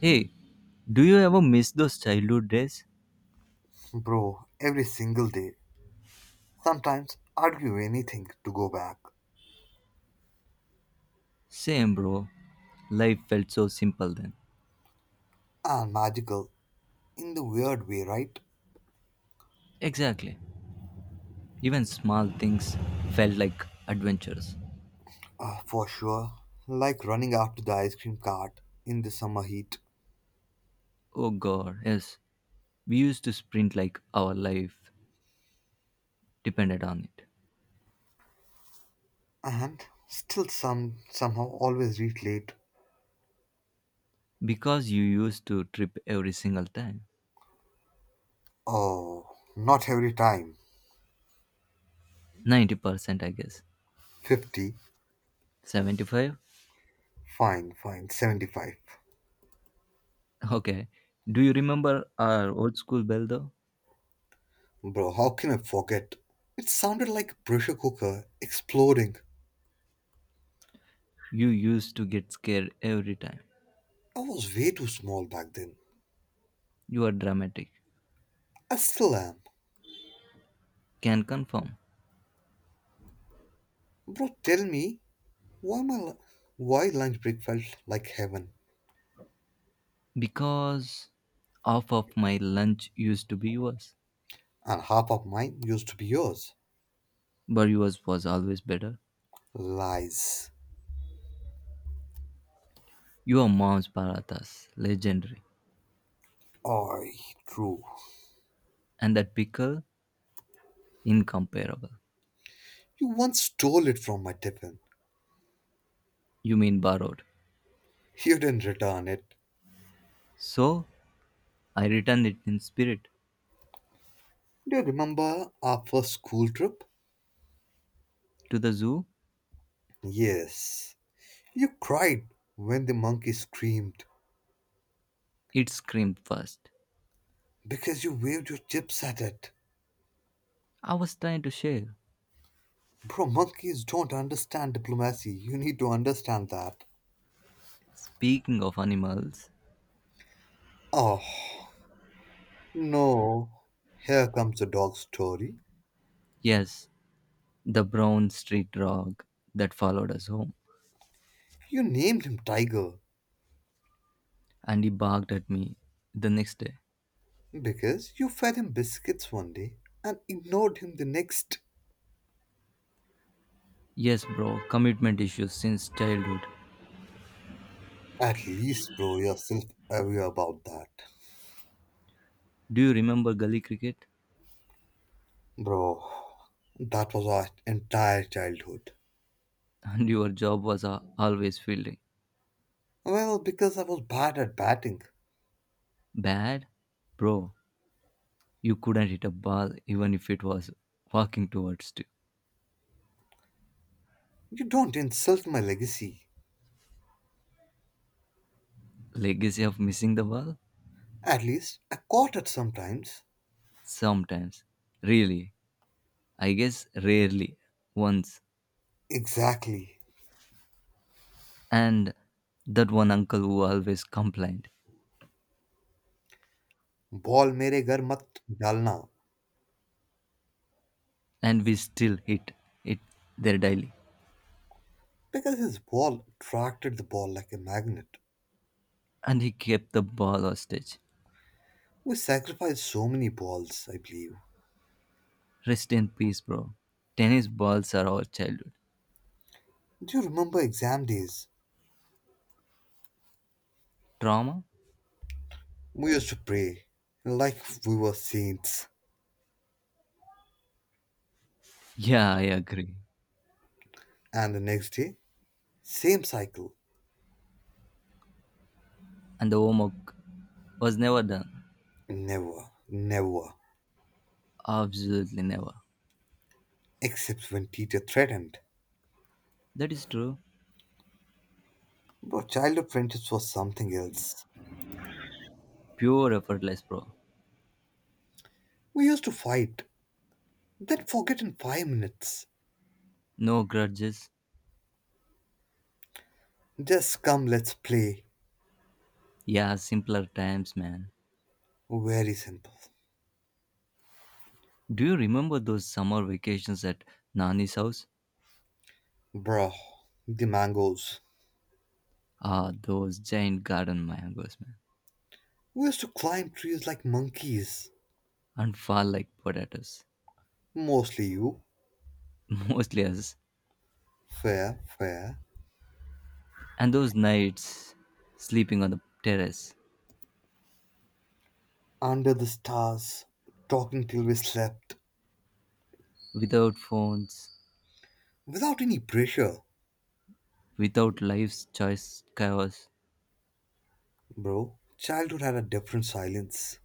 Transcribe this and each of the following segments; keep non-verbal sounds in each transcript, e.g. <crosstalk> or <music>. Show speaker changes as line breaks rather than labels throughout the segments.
Hey, do you ever miss those childhood days?
Bro, every single day. Sometimes argue anything to go back.
Same, bro. Life felt so simple then.
And magical in the weird way, right?
Exactly. Even small things felt like adventures.
For sure. Like running after the ice cream cart in the summer heat.
Oh god, yes. We used to sprint like our life depended on it.
And still somehow always reach late.
Because you used to trip every single time.
Oh, not every time.
90%, I guess.
50.
75?
Fine, fine. 75.
Okay. Do you remember our old school bell though?
Bro, how can I forget? It sounded like a pressure cooker exploding.
You used to get scared every time.
I was way too small back then.
You are dramatic.
I still am.
Can confirm.
Bro, tell me Why, my, why lunch break felt like heaven,
Because half of my lunch used to be yours,
and half of mine used to be yours.
but yours was always better.
Lies.
Your mom's parathas, legendary,
I true.
and that pickle, incomparable.
You once stole it from my tiffin.
You mean borrowed.
You didn't return it.
So I returned it in spirit
Do you remember our first school trip?
to the zoo.
Yes. You cried when the monkey screamed
It screamed first.
because you waved your chips at it.
I was trying to share.
Bro, monkeys don't understand diplomacy. You need to understand that.
Speaking of animals,
Oh, no. Here comes the dog story.
yes, the brown street dog that followed us home,
You named him Tiger
and he barked at me the next day.
because you fed him biscuits one day and ignored him the next.
Yes, bro, commitment issues since childhood.
At least, bro, you're self aware about that.
Do you remember gully cricket?
Bro, that was our entire childhood.
<laughs> And your job was always fielding.
Well, because I was bad at batting.
Bad? Bro, you couldn't hit a ball even if it was walking towards you.
You don't insult my legacy.
Legacy of missing the ball?
At least, I caught it sometimes.
Sometimes. Really? I guess rarely. Once.
Exactly.
And that one uncle who always complained.
Ball mere ghar mat dalna.
And we still hit it there daily.
Because his ball attracted the ball like a magnet.
And he kept the ball hostage.
We sacrificed so many balls, I believe.
Rest in peace, bro. Tennis balls are our childhood.
Do you remember exam days?
Trauma?
We used to pray like we were saints,
Yeah, I agree.
and the next day, same cycle.
And the homework was never done.
Never, never,
Absolutely never.
except when teacher threatened.
That is true.
But childhood friendships was something else.
Pure effortless, bro.
We used to fight, then forget in 5 minutes.
No grudges.
Just come, let's play.
Yeah, simpler times, man.
Very simple.
Do you remember those summer vacations at Nani's house?
Bruh, the mangoes.
Ah, those giant garden mangoes, man.
We used to climb trees like monkeys.
And fall like potatoes.
Mostly you.
<laughs> Mostly us.
Fair, fair.
And those nights sleeping on the terrace.
Under the stars, talking till we slept,
Without phones.
without any pressure.
Without life's choice chaos.
Bro, childhood had a different silence.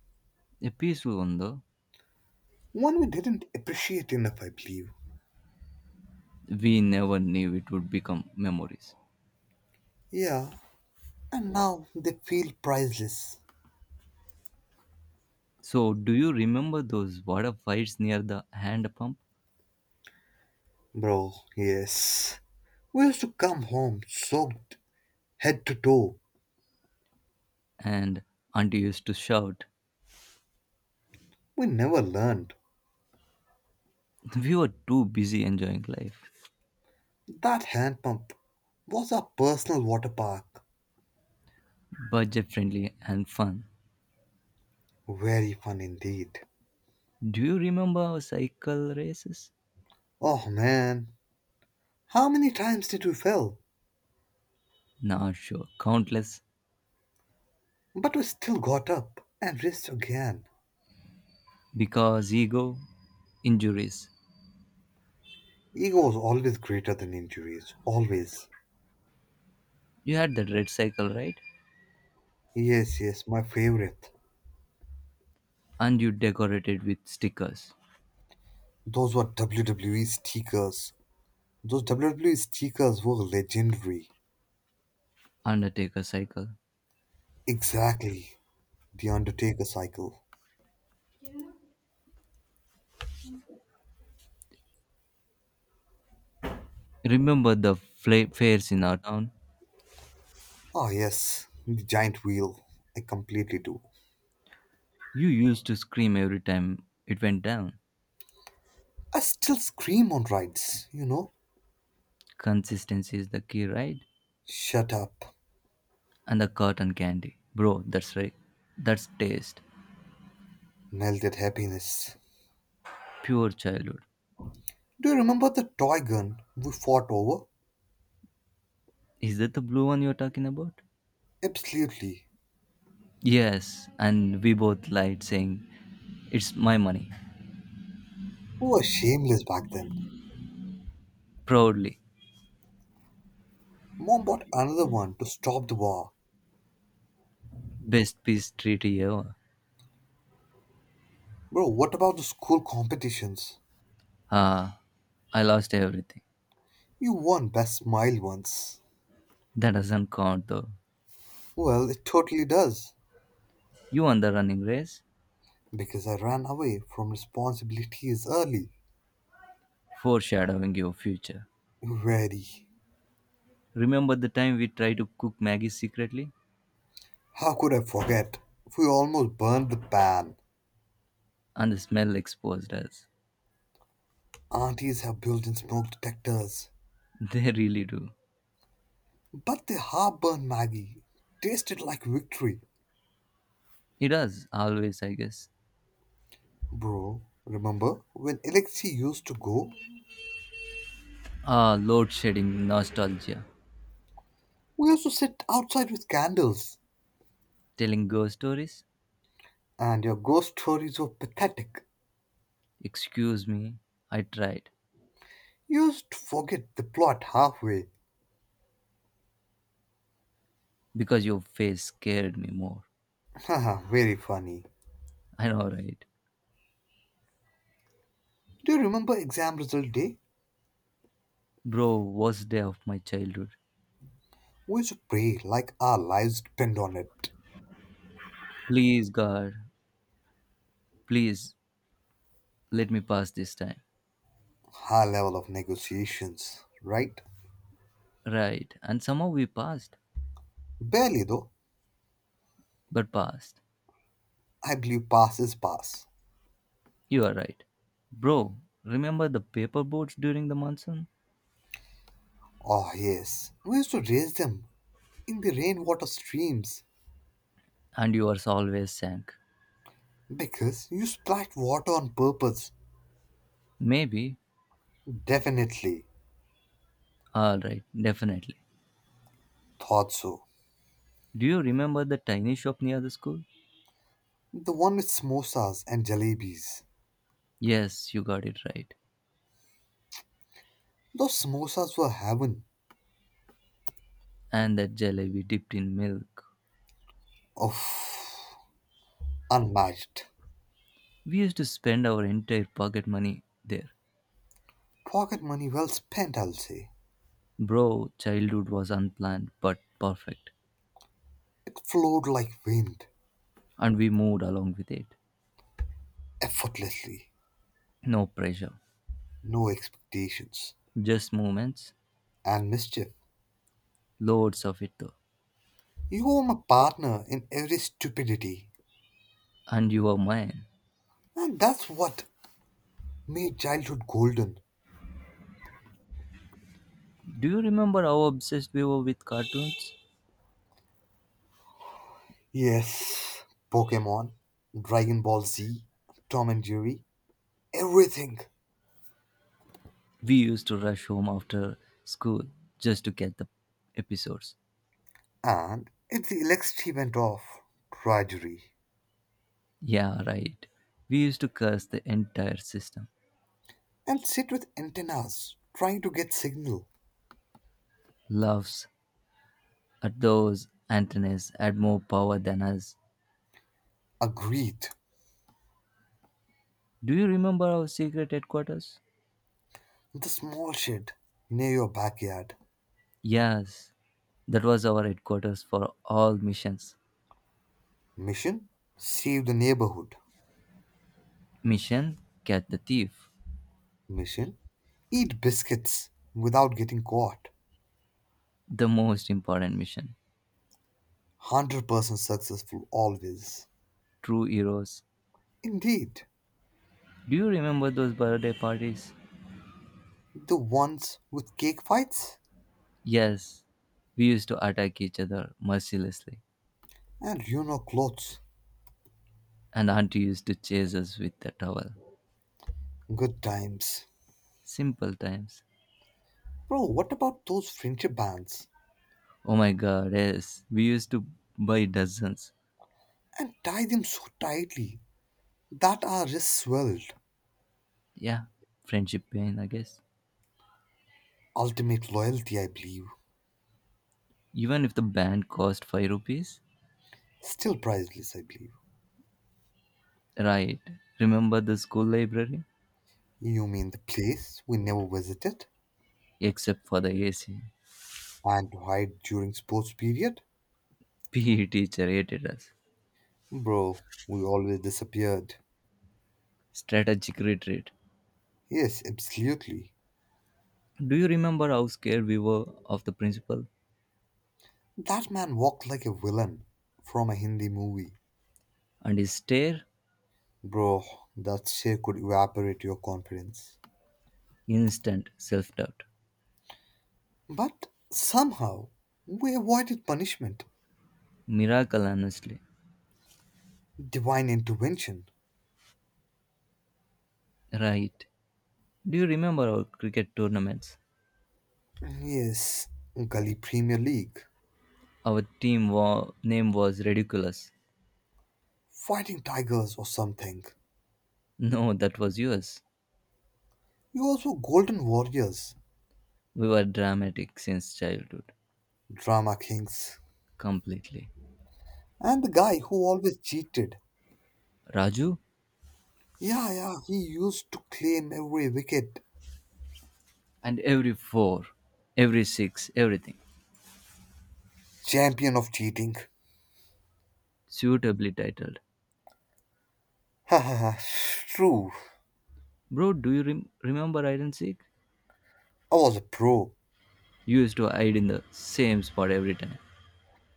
A peaceful one, though.
One we didn't appreciate enough, I believe.
We never knew it would become memories.
Yeah, and now they feel priceless.
So, do you remember those water fights near the hand pump?
Bro, yes. We used to come home soaked head to toe.
And auntie used to shout.
We never learned.
<laughs> We were too busy enjoying life,
That hand pump was our personal water park.
budget friendly and fun.
Very fun indeed.
Do you remember our cycle races?
Oh man, how many times did we fell?
Not sure, countless.
But we still got up and raced again.
Because ego, injuries.
Ego was always greater than injuries, always.
You had that red cycle, right?
Yes, yes, my favorite.
And you decorated with stickers.
Those were WWE stickers. Those WWE stickers were legendary.
Undertaker cycle.
Exactly. The Undertaker cycle.
Remember the fairs in our town?
Ah, yes, the giant wheel. I completely do.
You used to scream every time it went down.
I still scream on rides.
Consistency is the key, right?
Shut up.
And the cotton candy. Bro, that's right. That's taste.
Melted happiness.
Pure childhood.
Do you remember the toy gun we fought over?
Is that the blue one you're talking about?
Absolutely.
Yes, and we both lied saying it's my money.
We were shameless back then.
Proudly.
Mom bought another one to stop the war.
Best peace treaty ever.
Bro, what about the school competitions?
Ah, I lost everything.
You won Best Smile once.
That doesn't count though.
Well, it totally does.
You won the running race,
Because I ran away from responsibilities early.
foreshadowing your future.
Ready.
Remember the time we tried to cook Maggie secretly?
How could I forget? We almost burned the pan.
And the smell exposed us.
Aunties have built in smoke detectors.
<laughs> They really do.
But the half burned Maggie tasted like victory.
It does, always, I guess.
Bro, remember when Alexei used to go?
Ah, load shedding nostalgia.
We used to sit outside with candles.
Telling ghost stories?
And your ghost stories were pathetic.
Excuse me, I tried.
You used to forget the plot halfway.
Because your face scared me more.
<laughs> Haha, very funny.
I know, right?
Do you remember exam result day?
Bro, worst day of my childhood.
We used to pray like our lives depend on it.
Please, God, please let me pass this time.
High level of negotiations, right?
Right, and somehow we passed,
Barely though.
but passed.
I believe pass is pass.
You are right. Bro, remember the paper boats during the monsoon?
Oh yes, we used to raise them in the rainwater streams
And yours always sank.
because you splat water on purpose.
Maybe.
Definitely
Alright, definitely.
thought so.
Do you remember the tiny shop near the school?
The one with samosas and jalebis.
Yes, you got it right.
Those samosas were heaven.
And that jalebi dipped in milk.
Oh, unmatched.
We used to spend our entire pocket money there.
Pocket money well spent, I'll say.
Bro, childhood was unplanned but perfect.
It flowed like wind,
And we moved along with it.
effortlessly,
No pressure.
no expectations,
Just moments.
and mischief.
Loads of it though.
You were my partner in every stupidity,
And you were mine.
and that's what made childhood golden.
Do you remember how obsessed we were with cartoons?
Yes, Pokemon, Dragon Ball Z, Tom and Jerry, everything.
We used to rush home after school just to get the episodes.
And if the electricity went off, tragedy.
Yeah, right. We used to curse the entire system.
And sit with antennas, trying to get signal.
Loves at those antennas had more power than us.
Agreed.
Do you remember our secret headquarters?
The small shed near your backyard.
Yes, that was our headquarters for all missions.
Mission? Save the neighborhood.
Mission Catch the Thief,
Mission Eat biscuits without getting caught.
the most important mission.
100% successful always.
True heroes.
Indeed,
Do you remember those birthday parties?
the ones with cake fights
Yes, we used to attack each other mercilessly,
and clothes.
and Auntie used to chase us with the towel.
Good times.
Simple times.
Bro, what about those friendship bands?
Oh my god, yes. We used to buy dozens.
And tie them so tightly that our wrists swelled.
Yeah, friendship pain, I guess.
Ultimate loyalty, I believe.
Even if the band cost 5 rupees.
Still priceless, I believe.
Right. Remember the school library?
You mean the place we never visited
Except for the AC.
and hide during sports period?
PE teacher hated us.
Bro, we always disappeared.
Strategic retreat.
Yes, absolutely.
Do you remember how scared we were of the principal?
That man walked like a villain from a Hindi movie.
And his stare?
Bro, that share could evaporate your confidence.
Instant self doubt.
But somehow, we avoided punishment.
Miracle, honestly.
Divine intervention.
Right. Do you remember our cricket tournaments?
Yes, Gully Premier League.
Our team name was ridiculous.
Fighting Tigers or something.
No, that was yours.
You also Golden Warriors,
We were dramatic since childhood.
Drama Kings.
Completely.
And the guy who always cheated.
Raju
Yeah, yeah, he used to claim every wicket.
and every four, every six, everything.
Champion of cheating.
Suitably titled.
Haha, true.
Bro, do you remember hide and seek?
I was a pro.
You used to hide in the same spot every time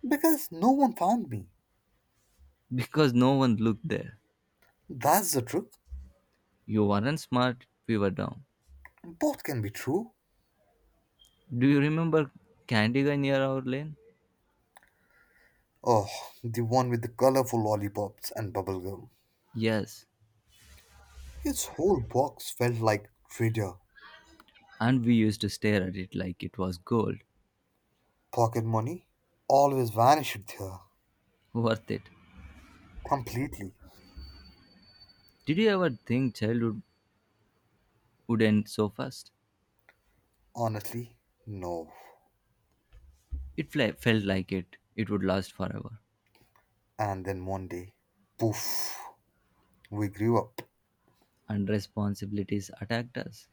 Because no one found me.
because no one looked there.
That's the trick.
You weren't smart, we were dumb.
Both can be true.
Do you remember Candy Guy near our lane?
Oh, the one with the colorful lollipops and bubblegum.
Yes,
His whole box felt like treasure.
and we used to stare at it like it was gold.
Pocket money? Always vanished there.
Worth it.
Completely.
Did you ever think childhood would end so fast?
Honestly, no.
It felt like it. It would last forever.
And then one day, poof, we grew up.
And responsibilities attacked us.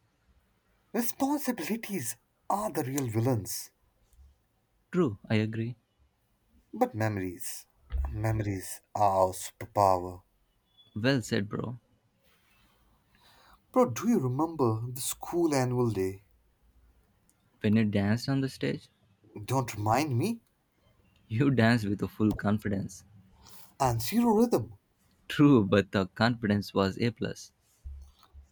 Responsibilities are the real villains.
True, I agree.
But memories, memories are our superpower.
Well said, bro.
Bro, do you remember the school annual day?
When you danced on the stage,
Don't remind me.
<laughs> you danced with a full confidence.
And zero rhythm.
True, but the confidence was A plus.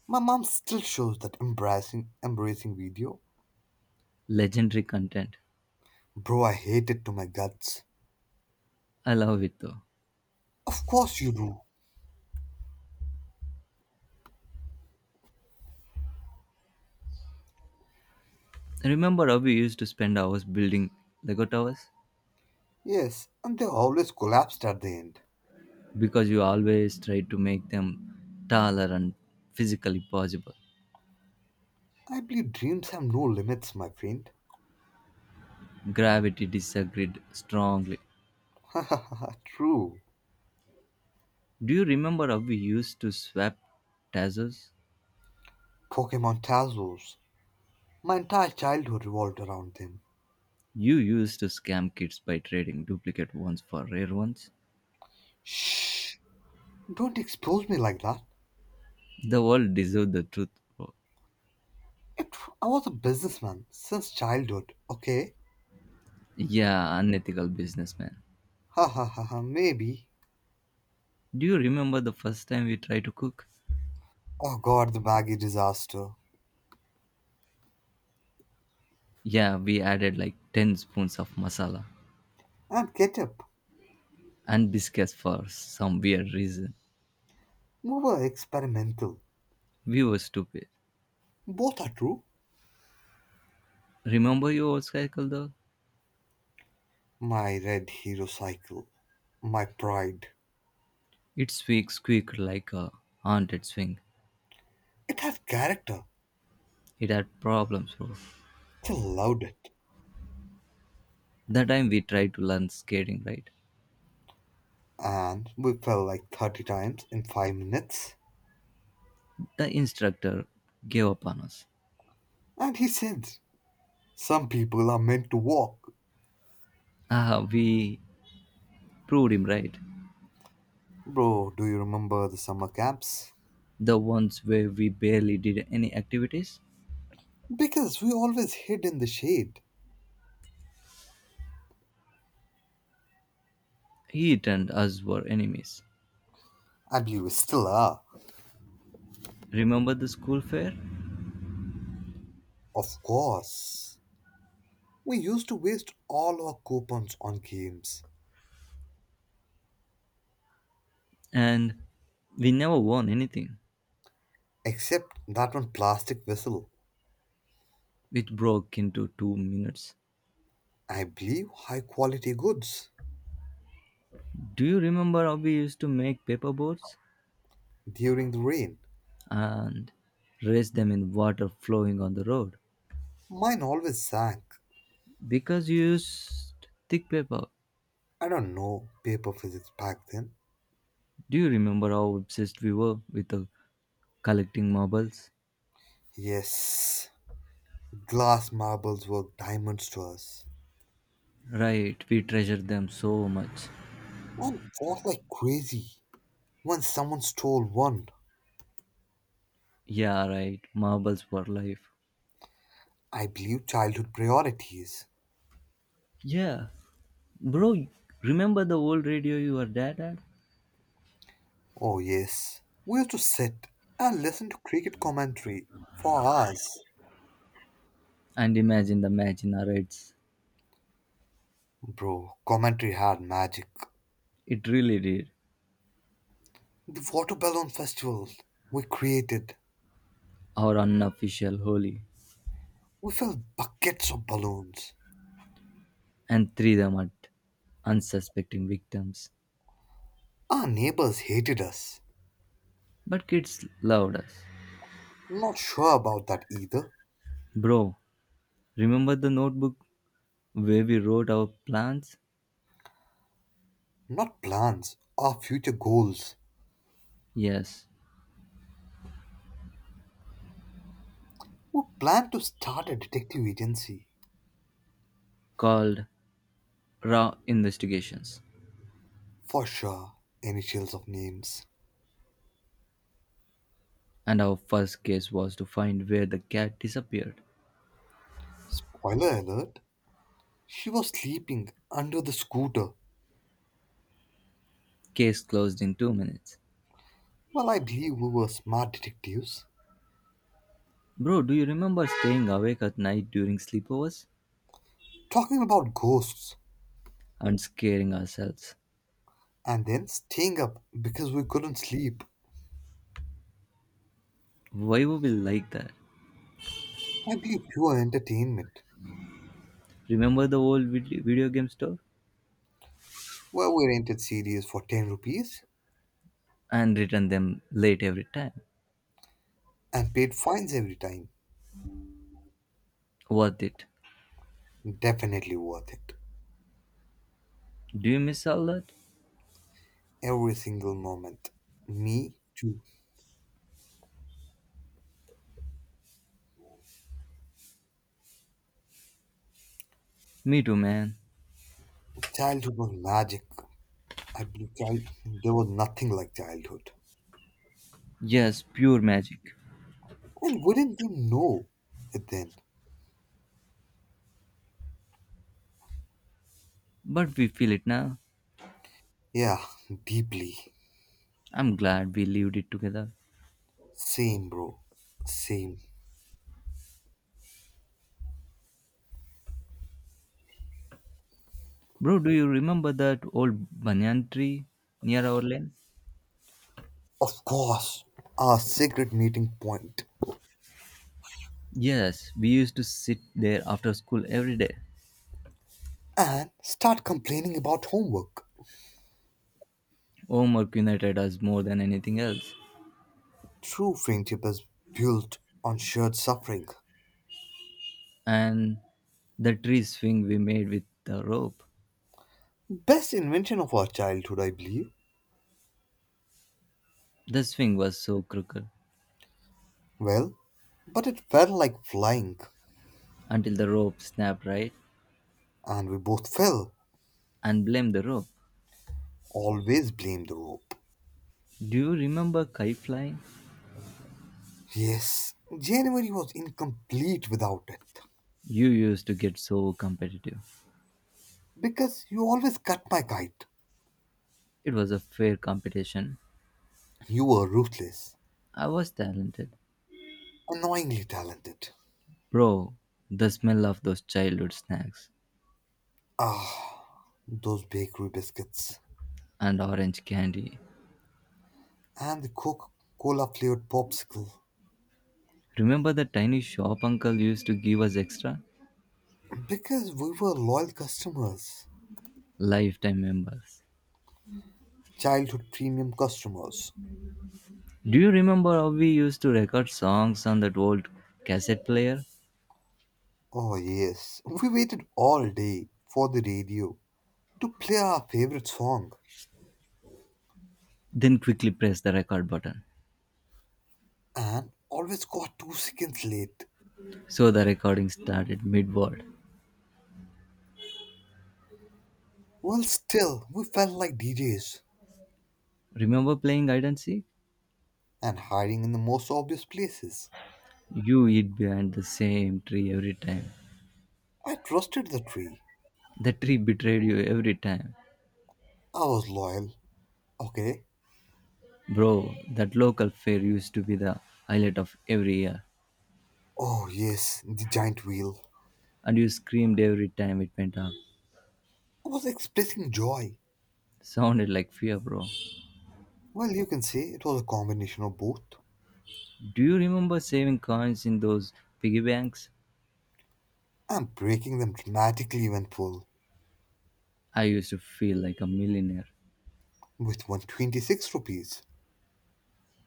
My mom still shows that embarrassing, embracing video.
Legendary content.
Bro, I hate it to my guts.
I love it though.
Of course you do.
Remember how we used to spend hours building Lego towers?
Yes, and they always collapsed at the end.
Because you always tried to make them taller and physically possible.
I believe dreams have no limits, my friend.
Gravity disagreed strongly.
<laughs> True.
Do you remember how we used to swap tazos?
Pokemon Tazos. My entire childhood revolved around them.
You used to scam kids by trading duplicate ones for rare ones.
Shh! Don't expose me like that.
The world deserved the truth, bro.
I was a businessman since childhood, okay?
Yeah, unethical businessman.
Ha ha ha ha, maybe.
Do you remember the first time we tried to cook?
Oh god, the baggy disaster.
Yeah, we added like 10 spoons of masala
And ketchup.
and biscuits for some weird reason.
We were experimental.
We were stupid.
Both are true.
Remember your old cycle though?
My red hero cycle. My pride.
It squeaked like a haunted swing.
It had character.
It had problems, bro.
He loved it.
That time we tried to learn skating, right?
And we fell like 30 times in 5 minutes.
The instructor gave up on us.
And he said, some people are meant to walk.
Ah, we proved him right.
Bro, do you remember the summer camps?
The ones where we barely did any activities,
Because we always hid in the shade.
he and us were enemies.
And we still are.
Remember the school fair?
Of course. We used to waste all our coupons on games,
And we never won anything.
except that one plastic vessel.
It broke into two minutes.
I believe high quality goods
Do you remember how we used to make paper boats
during the rain.
and raise them in water flowing on the road?
Mine always sank.
Because you used thick paper.
I don't know paper physics back then.
Do you remember how obsessed we were with the collecting marbles?
Yes, glass marbles were diamonds to us.
Right, we treasure them so much.
One fought like crazy. Once someone stole one.
Yeah, right, marbles for life.
I believe childhood priorities.
Yeah, bro, remember the old radio your dad had?
Oh, yes. We used to sit and listen to cricket commentary for hours.
And imagine the match in our heads.
Bro, commentary had magic.
It really did.
The water balloon festival we created.
Our unofficial holy.
We filled buckets of balloons.
And threw them at unsuspecting victims.
Our neighbors hated us.
But kids loved us.
Not sure about that either.
Bro, remember the notebook where we wrote our plans?
Not plans, our future goals.
Yes,
We plan to start a detective agency.
called Raw Investigations.
For sure, initials of names.
And our first case was to find where the cat disappeared.
Spoiler alert, she was sleeping under the scooter.
Case closed in two minutes.
Well, I believe we were smart detectives.
Bro, do you remember staying awake at night during sleepovers
Talking about ghosts
and scaring ourselves?
and then staying up because we couldn't sleep.
Why were we like that?
Ugly pure entertainment,
Remember the old video game store?
where we rented CDs for 10 rupees
And return them late every time.
and paid fines every time.
Worth it.
Definitely worth it.
Do you miss all that?
Every single moment. Me too.
Me too, man.
Childhood was magic. I believe there was nothing like childhood.
Yes, pure magic.
And wouldn't they know it then?
But we feel it now.
Yeah, deeply.
I'm glad we lived it together.
Same, bro. Same.
Bro, do you remember that old banyan tree near our lane?
Of course. Our secret meeting point.
Yes, we used to sit there after school every day.
And start complaining about homework.
Homework united us more than anything else.
True friendship is built on shared suffering.
And the tree swing we made with the rope.
Best invention of our childhood, I believe.
The swing was so crooked
Well, but it felt like flying,
until the rope snapped right
and we both fell.
and blame the rope.
Always blame the rope.
Do you remember kite flying?
Yes, January was incomplete without it.
You used to get so competitive.
Because you always cut my kite.
It was a fair competition.
You were ruthless,
I was talented.
annoyingly talented.
Bro, the smell of those childhood snacks
Ah, those bakery biscuits
and orange candy.
and the Coca Cola flavored popsicle.
Remember the tiny shop uncle used to give us extra?
Because we were loyal customers.
Lifetime members.
Childhood premium customers.
Do you remember how we used to record songs on that old cassette player?
Oh, yes. We waited all day for the radio to play our favorite song
Then quickly press the record button.
and always got 2 seconds late.
So the recording started mid word.
Well, still, we felt like DJs
Remember playing hide and seek?
and hiding in the most obvious places.
You hid behind the same tree every time.
I trusted the tree.
The tree betrayed you every time.
I was loyal. Okay.
Bro, that local fair used to be the highlight of every year.
Oh, yes, the giant wheel.
And you screamed every time it went up.
I was expressing joy.
Sounded like fear, bro.
Well, you can say it was a combination of both.
Do you remember saving coins in those piggy banks?
I'm breaking them dramatically when full
I used to feel like a millionaire.
with 126 rupees.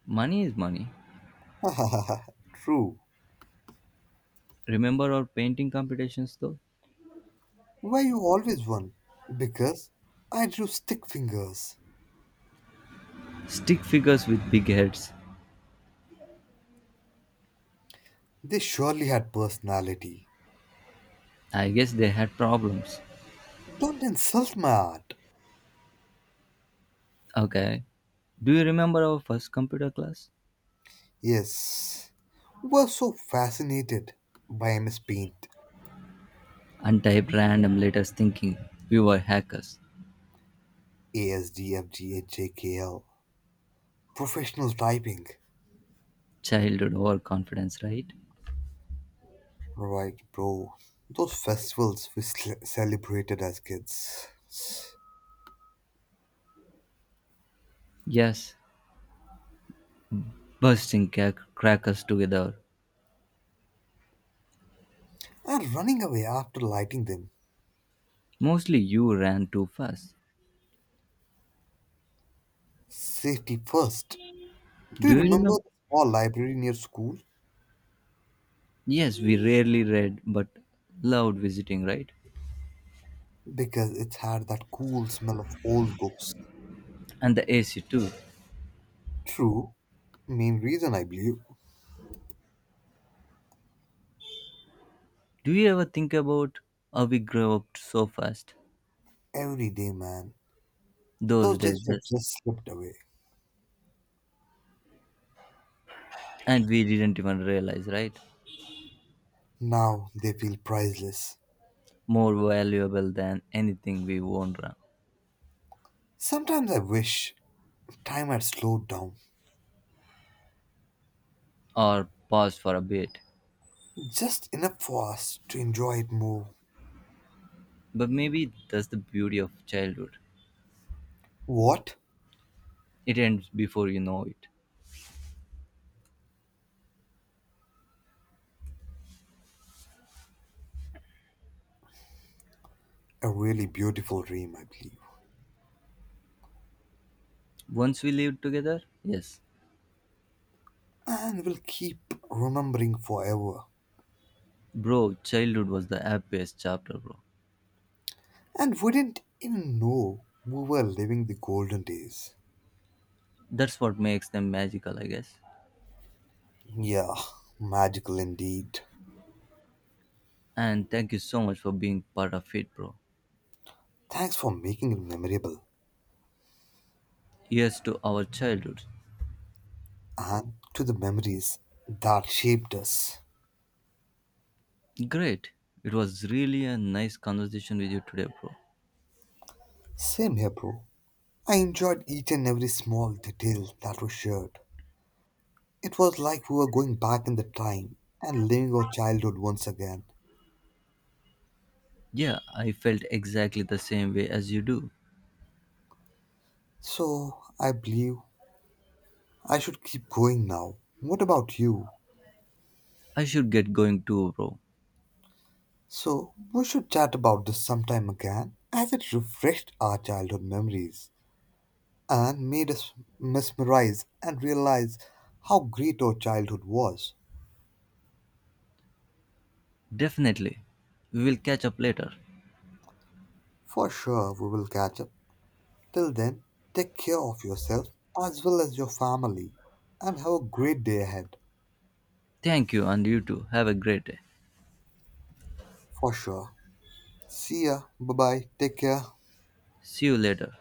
Money is money.
<laughs> True.
Remember our painting competitions though?
Why you always won? Because I drew stick fingers.
Stick figures with big heads.
They surely had personality.
I guess they had problems.
Don't insult my art.
Okay. Do you remember our first computer class?
Yes. We're so fascinated by MS Paint,
Untyped random letters thinking we were hackers.
ASDFGHJKL, professional typing.
Childhood overconfidence, right?
Right, bro. Those festivals we celebrated as kids.
Yes. Bursting crackers together.
And running away after lighting them.
Mostly you ran too fast.
Safety first. Do
Do
you
you
remember
remember?
the small library near school?
Yes, we rarely read but loved visiting, right?
Because it had that cool smell of old books.
And the AC too.
True, main reason I believe.
Do you ever think about how we grew up so fast
Every day, man.
those
Those days
days
were
just
just slipped away.
and we didn't even realize, right?
Now they feel priceless.
More valuable than anything we own
Sometimes I wish time had slowed down
or pause for a bit.
just enough for us to enjoy it more.
But maybe that's the beauty of childhood.
What
It ends before you know it.
a really beautiful dream, I believe.
Once we lived together, yes.
And will keep remembering forever.
Bro, childhood was the happiest chapter, bro.
And wouldn't even know we were living the golden days.
That's what makes them magical, I guess.
Yeah, magical indeed.
And thank you so much for being part of it, bro.
Thanks for making it memorable
Here's to our childhood.
and to the memories that shaped us.
Great. It was really a nice conversation with you today, bro.
Same here, bro. I enjoyed each and every small detail that was shared. It was like we were going back in the time and living our childhood once again.
Yeah, I felt exactly the same way as you do.
So, I believe I should keep going now. What about you?
I should get going too, bro.
So, we should chat about this sometime again as it refreshed our childhood memories and made us mesmerize and realize how great our childhood was.
Definitely. We will catch up later.
For sure, we will catch up. Till then, take care of yourself as well as your family and have a great day ahead.
Thank you, and you too. Have a great day.
For sure. See ya. Bye bye. Take care.
See you later.